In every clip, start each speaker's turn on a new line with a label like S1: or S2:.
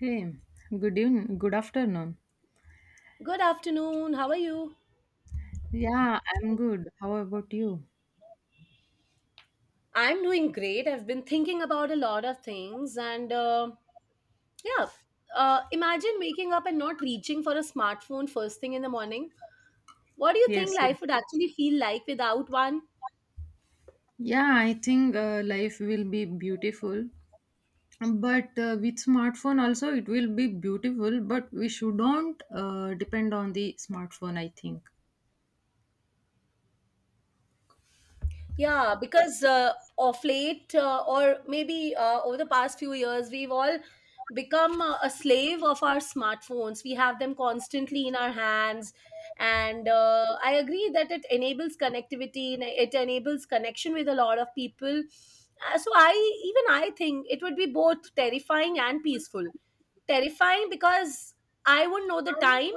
S1: Hey, good evening, good afternoon.
S2: Good afternoon. How are you?
S1: Yeah, I'm good. How about you?
S2: I'm doing great. I've been thinking about a lot of things, and yeah, imagine waking up and not reaching for a smartphone first thing in the morning. What do you
S1: Yes,
S2: think life
S1: yes.
S2: would actually feel like without one?
S1: Yeah, I think life will be beautiful, but with smartphone also it will be beautiful, but we shouldn't depend on the smartphone, I think.
S2: Yeah, because of late, or maybe over the past few years, we've all become a slave of our smartphones. We have them constantly in our hands. And I agree that it enables connectivity and it enables connection with a lot of people. So I even I think it would be both terrifying and peaceful. Terrifying because I wouldn't know the time,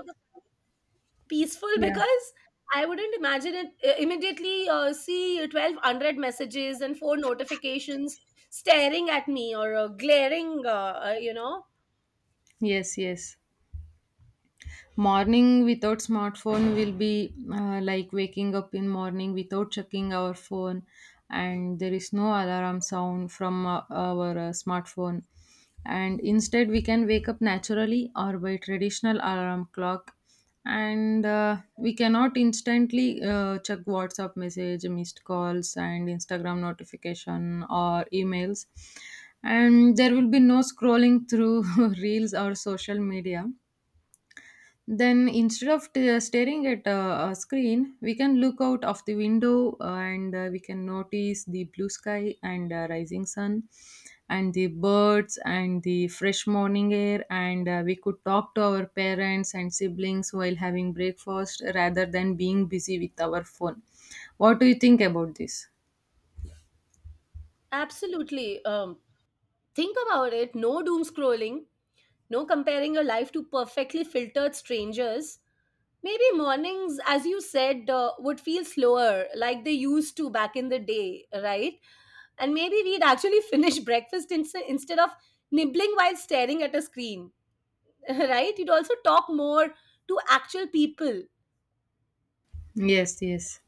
S2: peaceful
S1: Yeah.
S2: because I wouldn't imagine it immediately see 12 unread messages and four notifications staring at me or glaring.
S1: Yes, yes. Morning without smartphone will be like waking up in morning without checking our phone, and there is no alarm sound from our smartphone, and instead we can wake up naturally or by traditional alarm clock, and we cannot instantly check WhatsApp message, missed calls and Instagram notification or emails, and there will be no scrolling through reels or social media. Then instead of staring at a screen, we can look out of the window, and we can notice the blue sky and rising sun and the birds and the fresh morning air, and we could talk to our parents and siblings while having breakfast rather than being busy with our phone. What do you think about this?
S2: Absolutely. Think about it: no doom scrolling, no comparing your life to perfectly filtered strangers. Maybe mornings, as you said, would feel slower, like they used to back in the day, right? And maybe we'd actually finish breakfast instead of nibbling while staring at a screen. Right, you'd also talk more to actual people, and
S1: Yes, yes.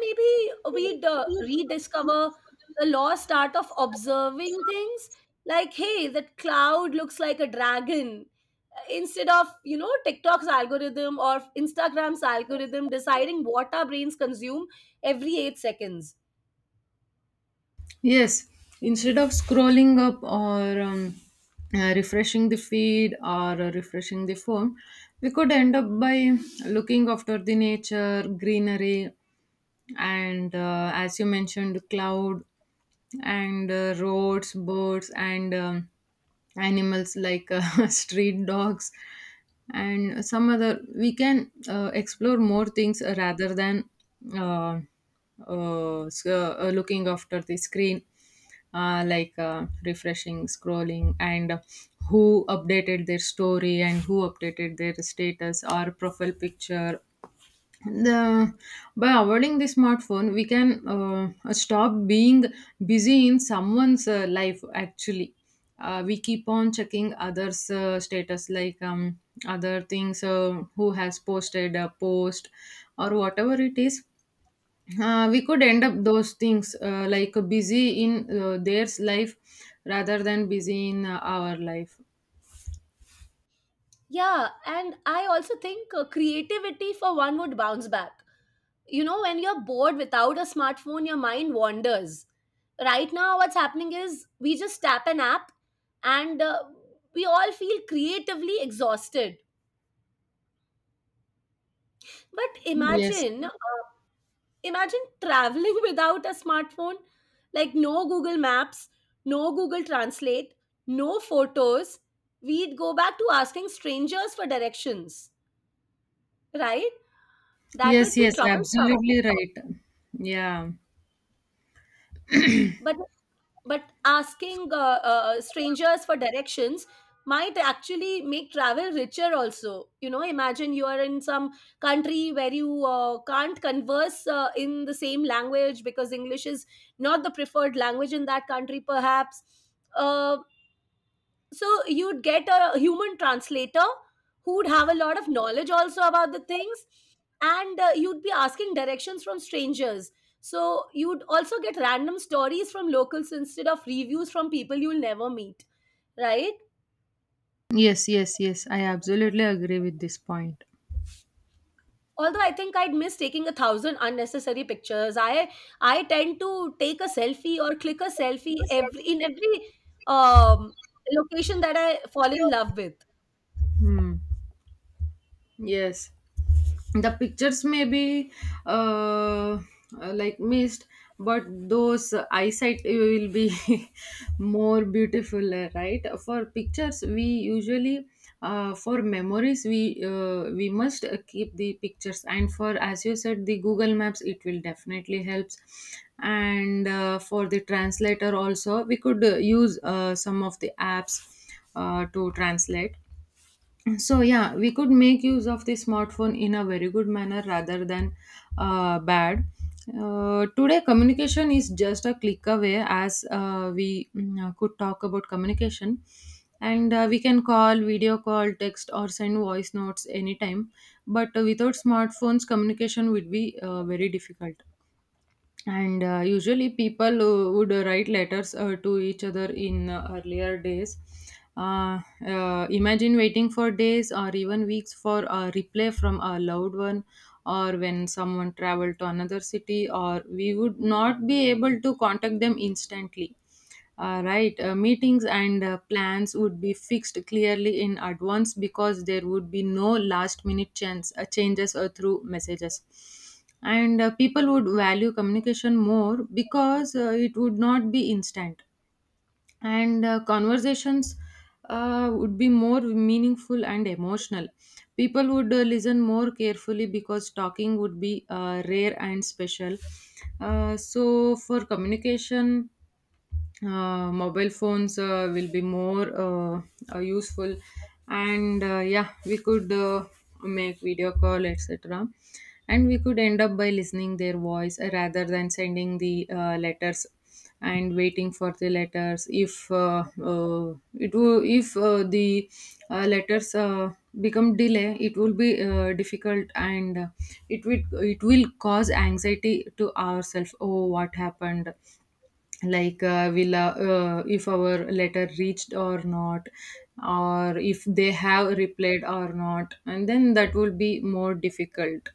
S2: maybe we'd rediscover the lost art of observing things, like, hey, that cloud looks like a dragon. Instead of TikTok's algorithm or Instagram's algorithm deciding what our brains consume every 8 seconds.
S1: Yes, instead of scrolling up or refreshing the feed or refreshing the phone, we could end up by looking after the nature, greenery, and as you mentioned cloud and roads, birds and animals like, street dogs, and some other we can explore more things rather than uh, looking after the screen, like refreshing, scrolling, and who updated their story and who updated their status or profile picture. the, by avoiding the smartphone, we can stop being busy in someone's life. Actually, we keep on checking others status, like other things, who has posted a post or whatever it is. We could end up those things, like busy in their life rather than busy in our life.
S2: Yeah, and I also think creativity, for one, would bounce back. You know, when you're bored without a smartphone, your mind wanders. Right now what's happening is we just tap an app, and we all feel creatively exhausted. But
S1: Yes,
S2: imagine traveling without a smartphone, like no Google Maps, no Google Translate, no photos. We'd go back to asking strangers for directions, right? That
S1: yes,
S2: would be
S1: yes,
S2: troublesome.
S1: absolutely right. Yeah.
S2: But but asking strangers for directions might actually make travel richer also. You know, imagine you are in some country where you can't converse in the same language because English is not the preferred language in that country perhaps. Uh, so you'd get a human translator who would have a lot of knowledge also about the things, and you'd be asking directions from strangers, so you'd also get random stories from locals instead of reviews from people you'll never meet, right?
S1: Yes, yes, yes. I absolutely agree with this point.
S2: Although I think I'd miss taking a thousand unnecessary pictures. I tend to take a selfie or click a selfie every in every um, location that I fall in love with.
S1: Hmm. Yes. The pictures may be uh, uh, like missed, but those eyesight will be more beautiful, right? For pictures we usually, for memories, we must keep the pictures. And for, as you said, the Google Maps, it will definitely helps. And for the translator also, we could use some of the apps to translate. So yeah, we could make use of the smartphone in a very good manner rather than bad. Today, communication is just a click away. As we could talk about communication, and we can call, video call, text or send voice notes anytime. But without smartphones, communication would be very difficult. And usually people would write letters to each other in earlier days. uh, Imagine waiting for days or even weeks for a reply from a loved one, or when someone traveled to another city or we would not be able to contact them instantly. Right? Meetings and plans would be fixed clearly in advance because there would be no last minute chance, changes through messages. And people would value communication more because it would not be instant. And conversations would be more meaningful and emotional. People would listen more carefully because talking would be rare and special. So, for communication, mobile phones will be more, useful. And yeah, we could make video call, etc. And we could end up by listening their voice, rather than sending the letters and waiting for the letters. If it will, if the letters become delay, it will be difficult. And it will cause anxiety to ourselves, oh what happened, like will, if our letter reached or not, or if they have replied or not. And then that will be more difficult.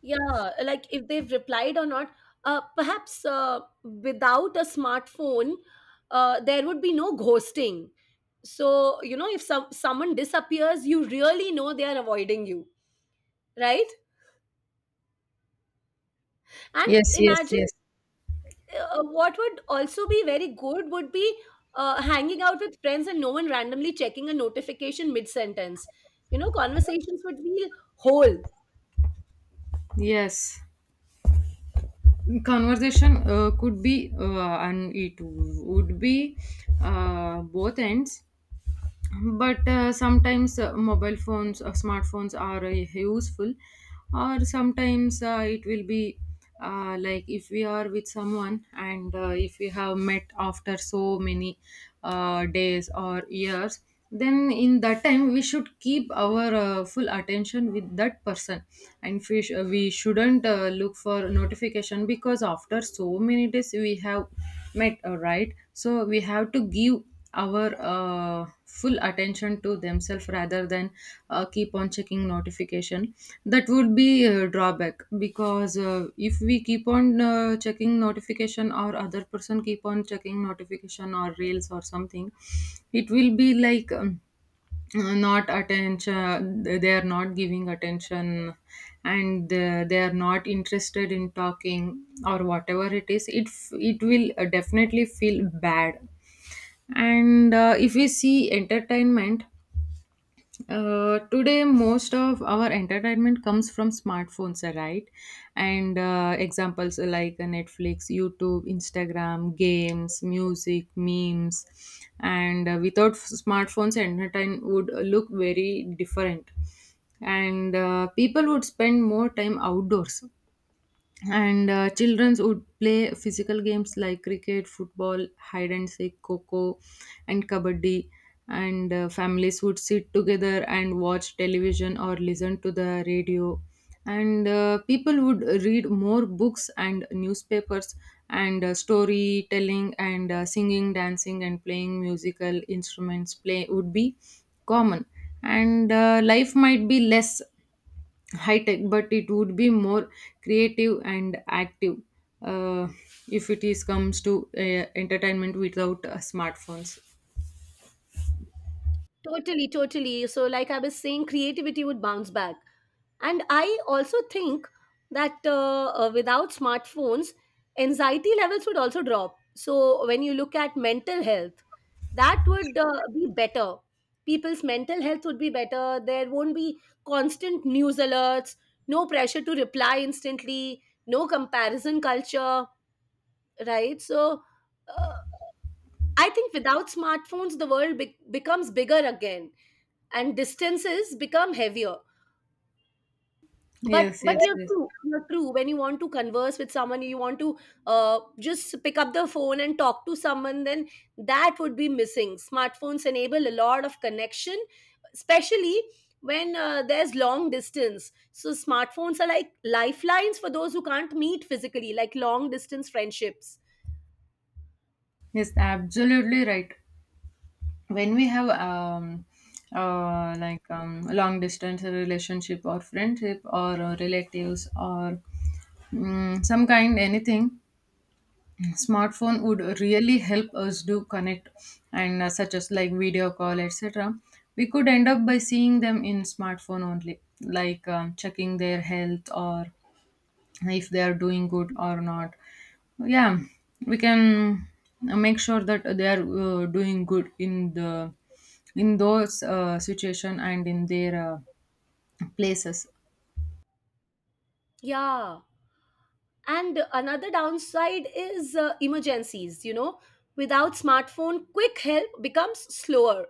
S2: Yeah, like if they've replied or not. Perhaps without a smartphone, there would be no ghosting. So, you know, if someone disappears, you really know they are avoiding you, right? And
S1: Yes, yes,
S2: imagine
S1: yes.
S2: what would also be very good would be hanging out with friends and no one randomly checking a notification mid-sentence. You know, conversations would feel whole.
S1: Yes, conversation could be, and it would be both ends. But sometimes mobile phones or smartphones are useful, or sometimes it will be like if we are with someone, and if we have met after so many days or years, then in that time we should keep our full attention with that person. And we shouldn't look for notification, because after so many days we have met, right? So we have to give our full attention to themselves rather than keep on checking notification. That would be a drawback, because if we keep on checking notification, or other person keep on checking notification or reels or something, it will be like not attention. They are not giving attention, and they are not interested in talking or whatever it is. It will definitely feel bad. And if we see entertainment, today most of our entertainment comes from smartphones, right? And examples like Netflix, YouTube, Instagram, games, music, memes. And without smartphones, entertainment would look very different. And people would spend more time outdoors. And children would play physical games like cricket, football, hide and seek, coco and kabaddi. And families would sit together and watch television or listen to the radio. And people would read more books and newspapers. And storytelling, and singing, dancing and playing musical instruments play would be common. And life might be less high tech, but it would be more creative and active, uh, if it is comes to entertainment without smartphones.
S2: Totally, totally. So, like I was saying, creativity would bounce back. And I also think that without smartphones, anxiety levels would also drop. So when you look at mental health, that would be better. People's mental health would be better. There won't be constant news alerts, no pressure to reply instantly, no comparison culture, right? So uh, I think without smartphones, the world becomes bigger again and distances become heavier. but
S1: Yes, yes,
S2: but you're
S1: yes,
S2: true, you're true, when you want to converse with someone, you want to just pick up the phone and talk to someone, then that would be missing. Smartphones enable a lot of connection, especially when there's long distance. So smartphones are like lifelines for those who can't meet physically, like long distance friendships.
S1: yes, absolutely right. When we have like long distance relationship or friendship or relatives or some kind anything, smartphone would really help us to connect. And such as like video call, etc, we could end up by seeing them in smartphone only, like checking their health or if they are doing good or not. Yeah, we can make sure that they are doing good in those situation and in their places.
S2: Yeah, and another downside is emergencies, you know. Without smartphone, quick help becomes slower.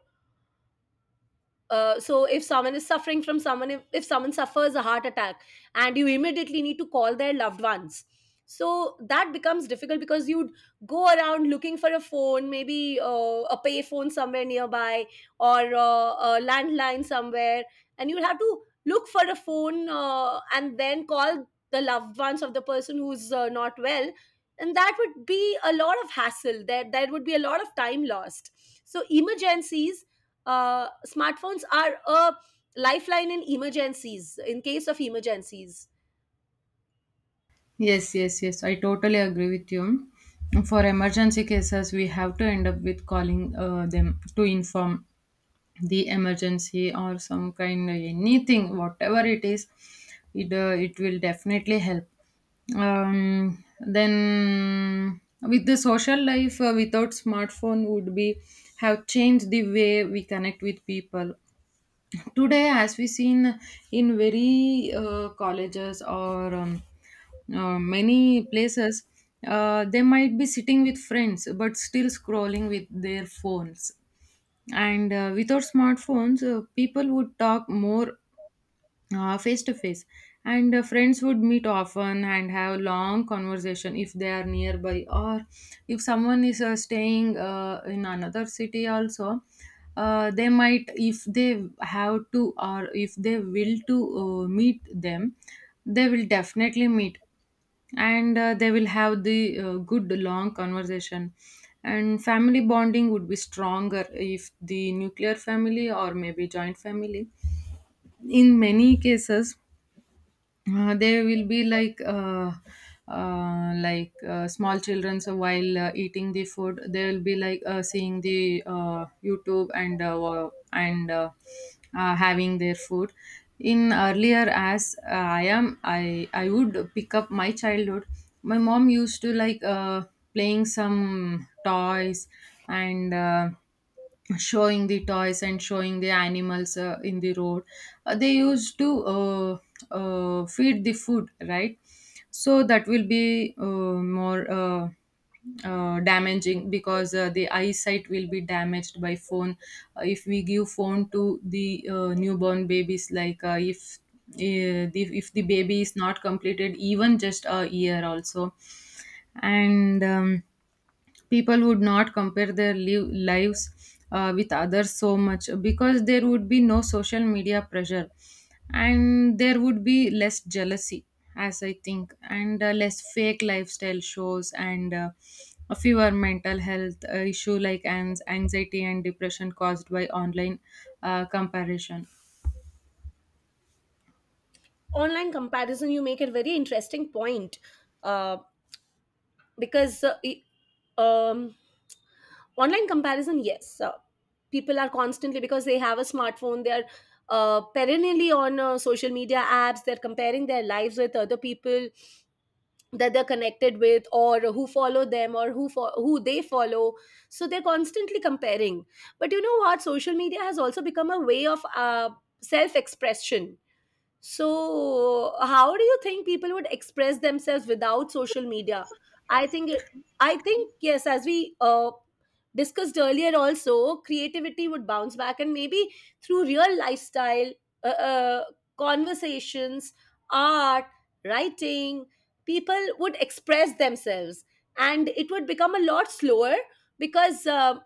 S2: Uh, so if someone is suffering from someone if someone suffers a heart attack and you immediately need to call their loved ones, so that becomes difficult because you'd go around looking for a phone, maybe a pay phone somewhere nearby, or a landline somewhere, and you'd have to look for a phone and then call the loved ones of the person who's not well, and that would be a lot of hassle. There would be a lot of time lost. So emergencies, smartphones are a lifeline in emergencies, in case of emergencies.
S1: Yes, yes, yes. I totally agree with you. For emergency cases, we have to end up with calling them to inform the emergency or some kind of anything, whatever it is. It will definitely help. Then, with the social life, without smartphone would be, have changed the way we connect with people today. As we seen in very colleges or many places, they might be sitting with friends but still scrolling with their phones. And without smartphones, people would talk more face to face. And friends would meet often and have long conversation if they are nearby, or if someone is staying in another city also, they might, if they have to or if they will to meet them, they will definitely meet. And they will have the good long conversation. And family bonding would be stronger, if the nuclear family or maybe joint family. In many cases, they will be like, like small children, so while eating the food they will be like seeing the YouTube, and having their food. In earlier, as I am I would pick up my childhood, my mom used to like playing some toys and showing the toys and showing the animals in the road. They used to feed the food, right? So that will be more damaging, because the eyesight will be damaged by phone. If we give phone to the newborn babies, like if if the baby is not completed even just a year also. And people would not compare their lives with others so much, because there would be no social media pressure. And there would be less jealousy, as I think, and less fake lifestyle shows, and fewer mental health issue, like anxiety and depression caused by online comparison.
S2: Online comparison, you make a very interesting point. uh, because uh, i- um, Online comparison, yes, people are constantly, because they have a smartphone, they are perennially on social media apps. They're comparing their lives with other people that they're connected with, or who follow them, or who they follow. So they're constantly comparing. But you know what, social media has also become a way of self expression. So how do you think people would express themselves without social media? I think, I think, yes, as we discussed earlier, also creativity would bounce back, and maybe through real lifestyle uh, uh, conversations, art, writing, people would express themselves, and it would become a lot slower because.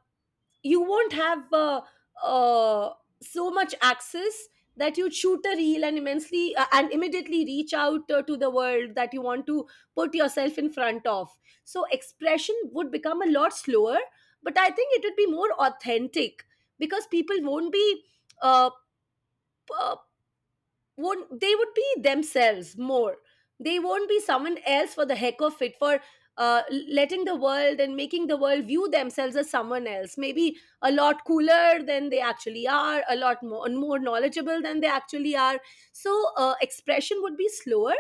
S2: You won't have uh, so much access that you shoot a reel and immensely and immediately reach out to the world that you want to put yourself in front of. So expression would become a lot slower, but I think it would be more authentic because people won't be uh, p- won't they would be themselves more. They won't be someone else for the heck of it, for letting the world and making the world view themselves as someone else, maybe a lot cooler than they actually are, a lot more knowledgeable than they actually are. So expression would be slower,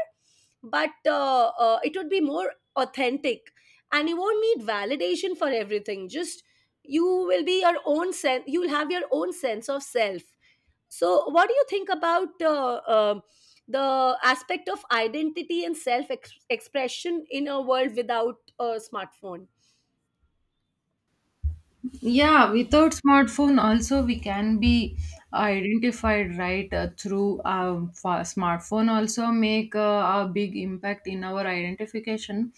S2: but it would be more authentic. And you won't need validation for everything. Just you will be your own sense, you'll have your own sense of self. So what do you think about the aspect of identity and expression in a world without a smartphone?
S1: Yeah, without smartphone also we can be identified, right? Through our smartphone also make a big impact in our identification.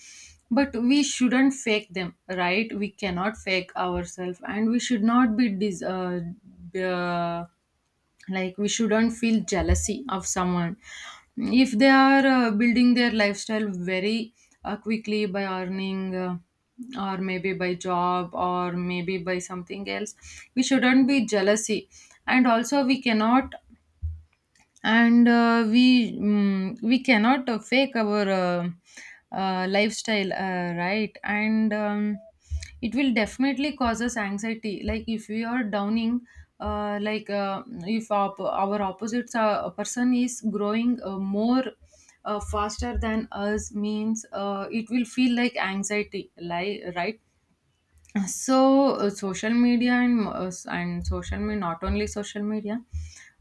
S1: But we shouldn't fake them, right? We cannot fake ourselves, and we should not be uh, like, we shouldn't feel jealousy of someone if they are building their lifestyle very quickly, by earning, or maybe by job or maybe by something else. We shouldn't be jealousy. And also we cannot, and we cannot fake our, lifestyle, right? And it will definitely cause us anxiety, like if we are downing, like if our Opposites person is growing more faster than us means it will feel like anxiety, like, right? So social media and social media, not only social media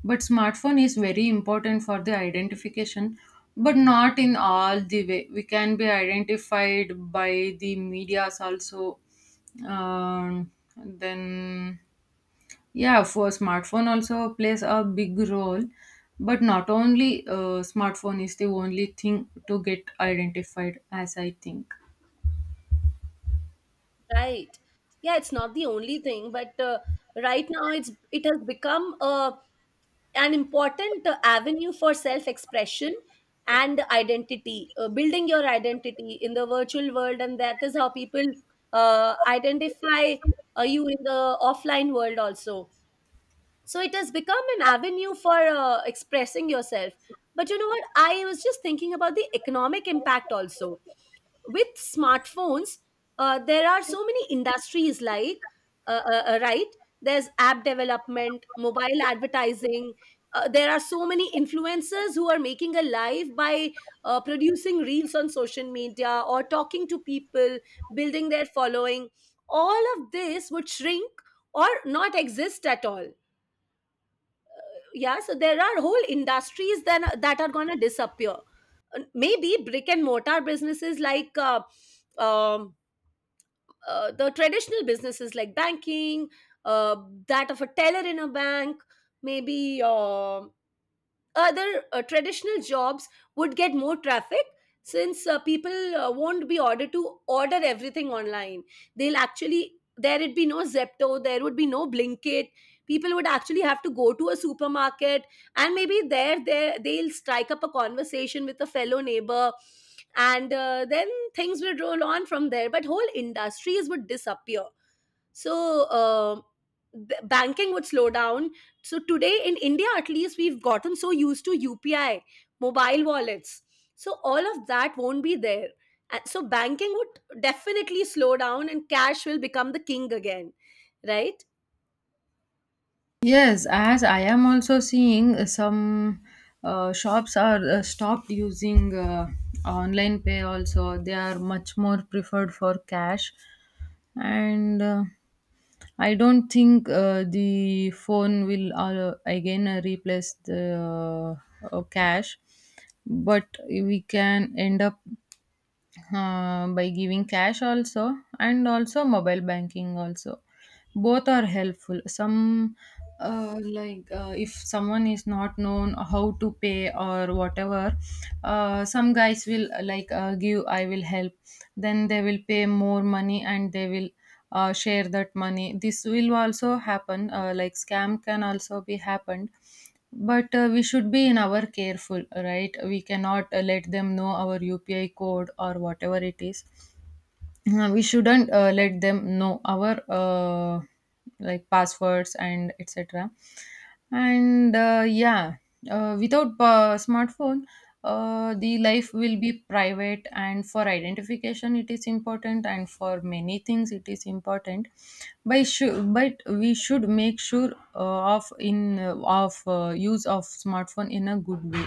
S1: but smartphone is very important for the identification. But not in all the way we can be identified by the medias also. um, then, yeah, for smartphone also plays a big role, but not only smartphone is the only thing to get identified, as I think.
S2: Right. Yeah, it's not the only thing, but right now it's it has become an important avenue for self expression and identity, building your identity in the virtual world, and that is how people identify you in the offline world also. So it has become an avenue for expressing yourself. But you know what? I was just thinking about the economic impact also. With smartphones, there are so many industries like, right? There's app development, mobile advertising. There are so many influencers who are making a life by producing reels on social media or talking to people, building their following. All of this would shrink or not exist at all. Yeah, so there are whole industries then that are going to disappear. Maybe brick and mortar businesses, like, um, the traditional businesses like banking, uh, that of a teller in a bank, maybe uh, other traditional jobs would get more traffic, since people won't be ordered to order everything online. They'll actually, there'd be no Zepto, there would be no Blinkit. People would actually have to go to a supermarket, and maybe there they'll strike up a conversation with a fellow neighbor, and then things would roll on from there. But whole industries would disappear. So banking would slow down. So today in India, at least, we've gotten so used to UPI, mobile wallets. So all of that won't be there. And so banking would definitely slow down, and cash will become the king again, right?
S1: Yes, as I am also seeing some shops are stopped using online pay also. They are much more preferred for cash. And I don't think the phone will again replace the cash. But we can end up by giving cash also and also mobile banking also, both are helpful. Some like if someone is not known how to pay or whatever, some guys will like give, I will help, then they will pay more money and they will share that money. This will also happen, like scam can also be happened. But we should be in our careful, right? We cannot let them know our upi code or whatever it is. We shouldn't let them know our like passwords and etc. And yeah, without smartphone, the life will be private, and for identification it is important, and for many things it is important, by sure. But we should make sure of use of smartphone in a good way.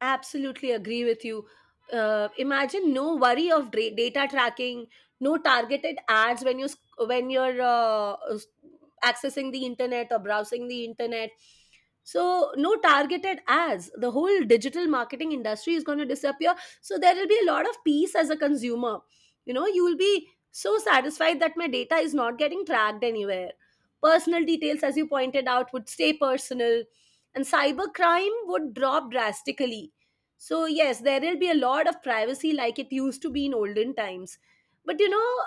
S2: Absolutely agree with you. Imagine no worry of data tracking, no targeted ads when you when you're accessing the internet or browsing the internet. So no targeted ads. The whole digital marketing industry is going to disappear. So there will be a lot of peace as a consumer. You know, you will be so satisfied that my data is not getting tracked anywhere. Personal details, as you pointed out, would stay personal, and cybercrime would drop drastically. So yes, there will be a lot of privacy like it used to be in olden times. But you know,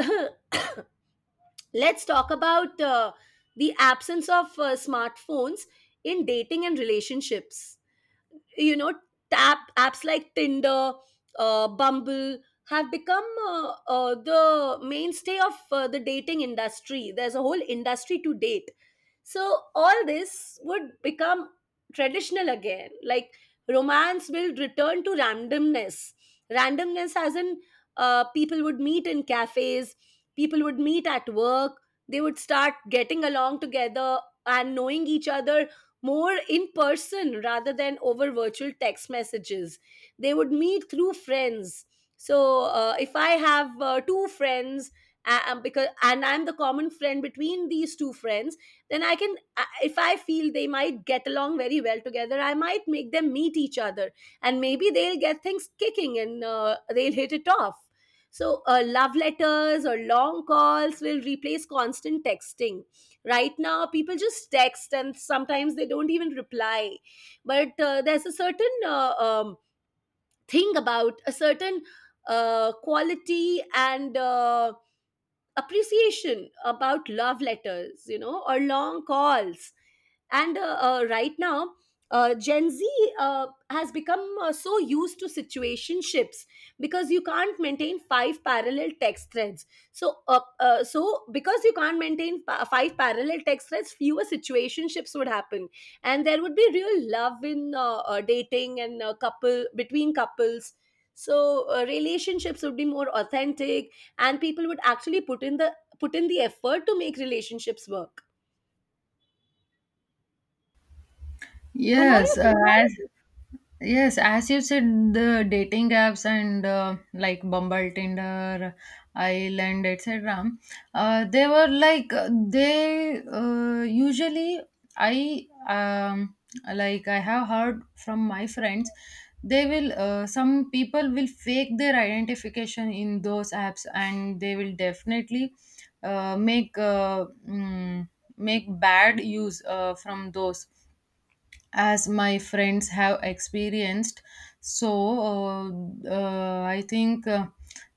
S2: uh, let's talk about the absence of smartphones in dating and relationships. You know, tap apps like Tinder, Bumble have become the mainstay of the dating industry. There's a whole industry to date. So all this would become traditional again. Like, romance will return to randomness. Randomness as in people would meet in cafes, people would meet at work. They would start getting along together and knowing each other more in person rather than over virtual text messages. They would meet through friends. So if I have two friends, because and I'm the common friend between these two friends, then I can, if I feel they might get along very well together, I might make them meet each other, and maybe they'll get things kicking and they'll hit it off. So, love letters or long calls will replace constant texting. Right now people just text and sometimes they don't even reply. But there's a certain thing about a certain quality and appreciation about love letters, you know, or long calls. And right now, Gen Z has become so used to situationships because you can't maintain five parallel text threads. So because you can't maintain five parallel text threads, fewer situationships would happen, and there would be real love in dating and couple between couples. So relationships would be more authentic, and people would actually put in the effort to make relationships work. And what
S1: yes
S2: do you—
S1: uh, as Yes, as you said, the dating apps and, like, Bumble, Tinder, Island, etc. They were like they usually, I like I have heard from my friends. They will, some people will fake their identification in those apps, and they will definitely make make bad use from those, as my friends have experienced. So uh, I think,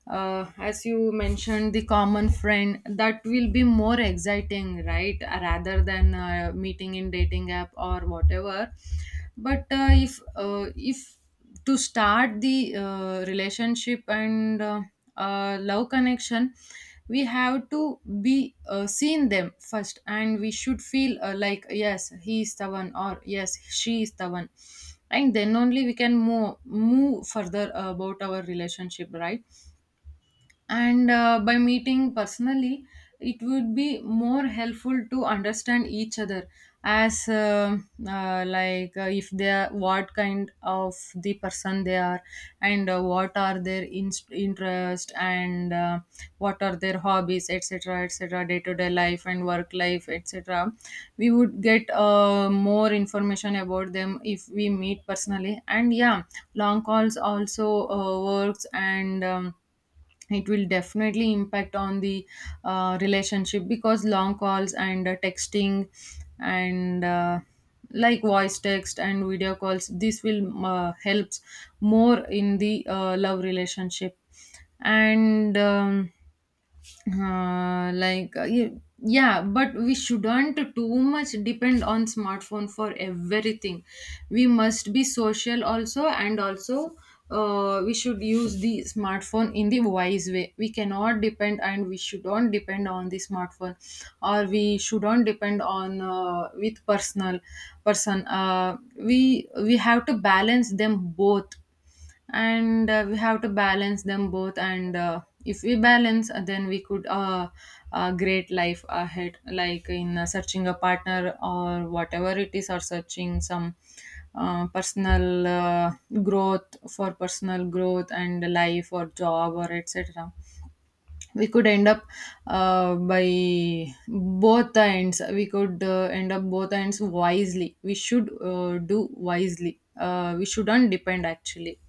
S1: as you mentioned, the common friend, that will be more exciting, right? Rather than meeting in dating app or whatever. But if to start the relationship and love connection, we have to be seen them first, and we should feel like yes, he is the one, or yes, she is the one. And then only we can move further about our relationship, right? And by meeting personally, it would be more helpful to understand each other. As like if they are what kind of the person they are, and what are their inst interest, and what are their hobbies, etc, etc, day to day life and work life, etc, we would get more information about them if we meet personally. And yeah, long calls also works, and it will definitely impact on the relationship, because long calls and texting and like voice text and video calls, this will helps more in the love relationship. And like, yeah, but we shouldn't too much depend on smartphone for everything. We must be social also, and also we should use the smartphone in the wise way. We cannot depend and we shouldn't depend on the smartphone, or we shouldn't depend on with personal person. We have to balance them both, and we have to balance them both. And if we balance, then we could, uh, great life ahead, like in searching a partner or whatever it is, or searching some personal growth, for personal growth and life or job or etc. We could end up by both the ends. We could end up both ends wisely. We should do wisely, we shouldn't depend, actually.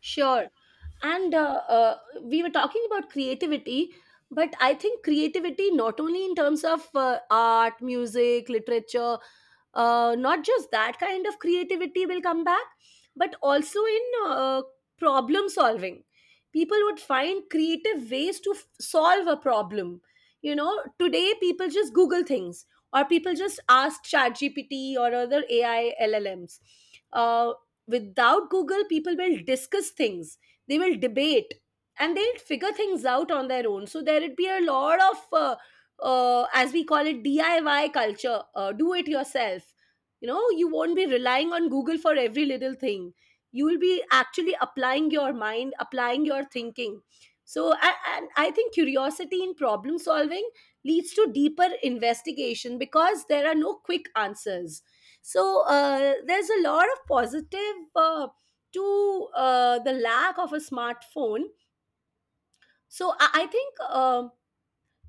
S2: Sure. And we were talking about creativity, but I think creativity, not only in terms of art, music, literature, not just that kind of creativity will come back, but also in problem solving. People would find creative ways to solve a problem. You know, today people just Google things or people just ask ChatGPT or other AI LLMs. Without Google, people will discuss things, they will debate, and they'll figure things out on their own. So there'd be a lot of as we call it, DIY culture, do it yourself. You know, you won't be relying on Google for every little thing. You will be actually applying your mind, applying your thinking. So and I think curiosity in problem solving leads to deeper investigation because there are no quick answers. So there's a lot of positive to the lack of a smartphone. So I think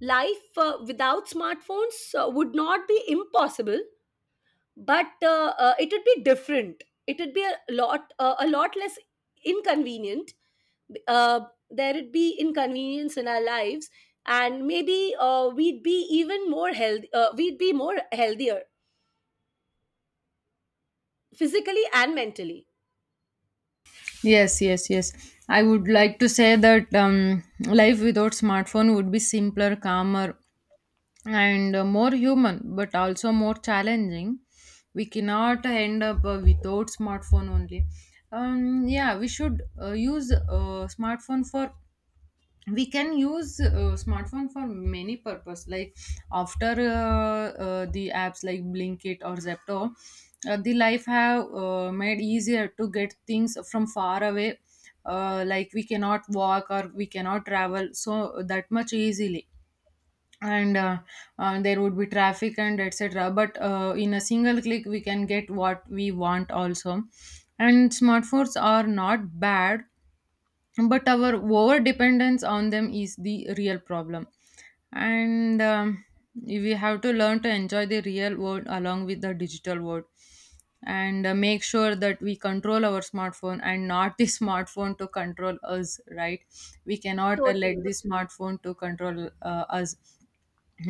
S2: life without smartphones would not be impossible, but it would be different. It would be a lot less inconvenient. uh, there would be inconvenience in our lives, and maybe we'd be even more healthy we'd be more healthier, physically and mentally.
S1: Yes, yes, yes. I would like to say that life without smartphone would be simpler, calmer, and more human, but also more challenging. We cannot end up without smartphone only. Yeah, we should use smartphone for, we can use smartphone for many purpose, like after the apps like blinkit or zepto, the life have made easier to get things from far away. Like we cannot walk or we cannot travel so that much easily, and there would be traffic and etc. But in a single click we can get what we want also. And smartphones are not bad, but our over dependence on them is the real problem. And we have to learn to enjoy the real world along with the digital world. And make sure that we control our smartphone, and not the smartphone to control us, right? We cannot let
S2: Totally,
S1: the smartphone to control us.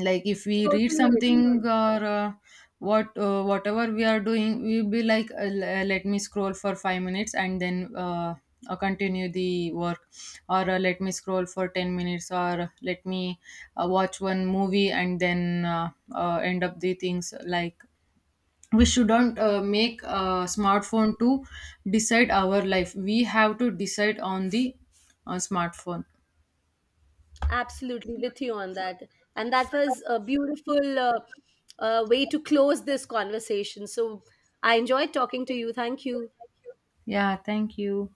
S1: Like if we read
S2: totally with
S1: something,
S2: you.
S1: or what whatever we are doing, we'll be like, let me scroll for 5 minutes, and then continue the work. Or let me scroll for 10 minutes, or let me watch one movie, and then end up the things. Like we shouldn't make a smartphone to decide our life. We have to decide on the smartphone.
S2: Absolutely with you on that. And that was a beautiful way to close this conversation. So I enjoyed talking to you. Thank you.
S1: Yeah, thank you.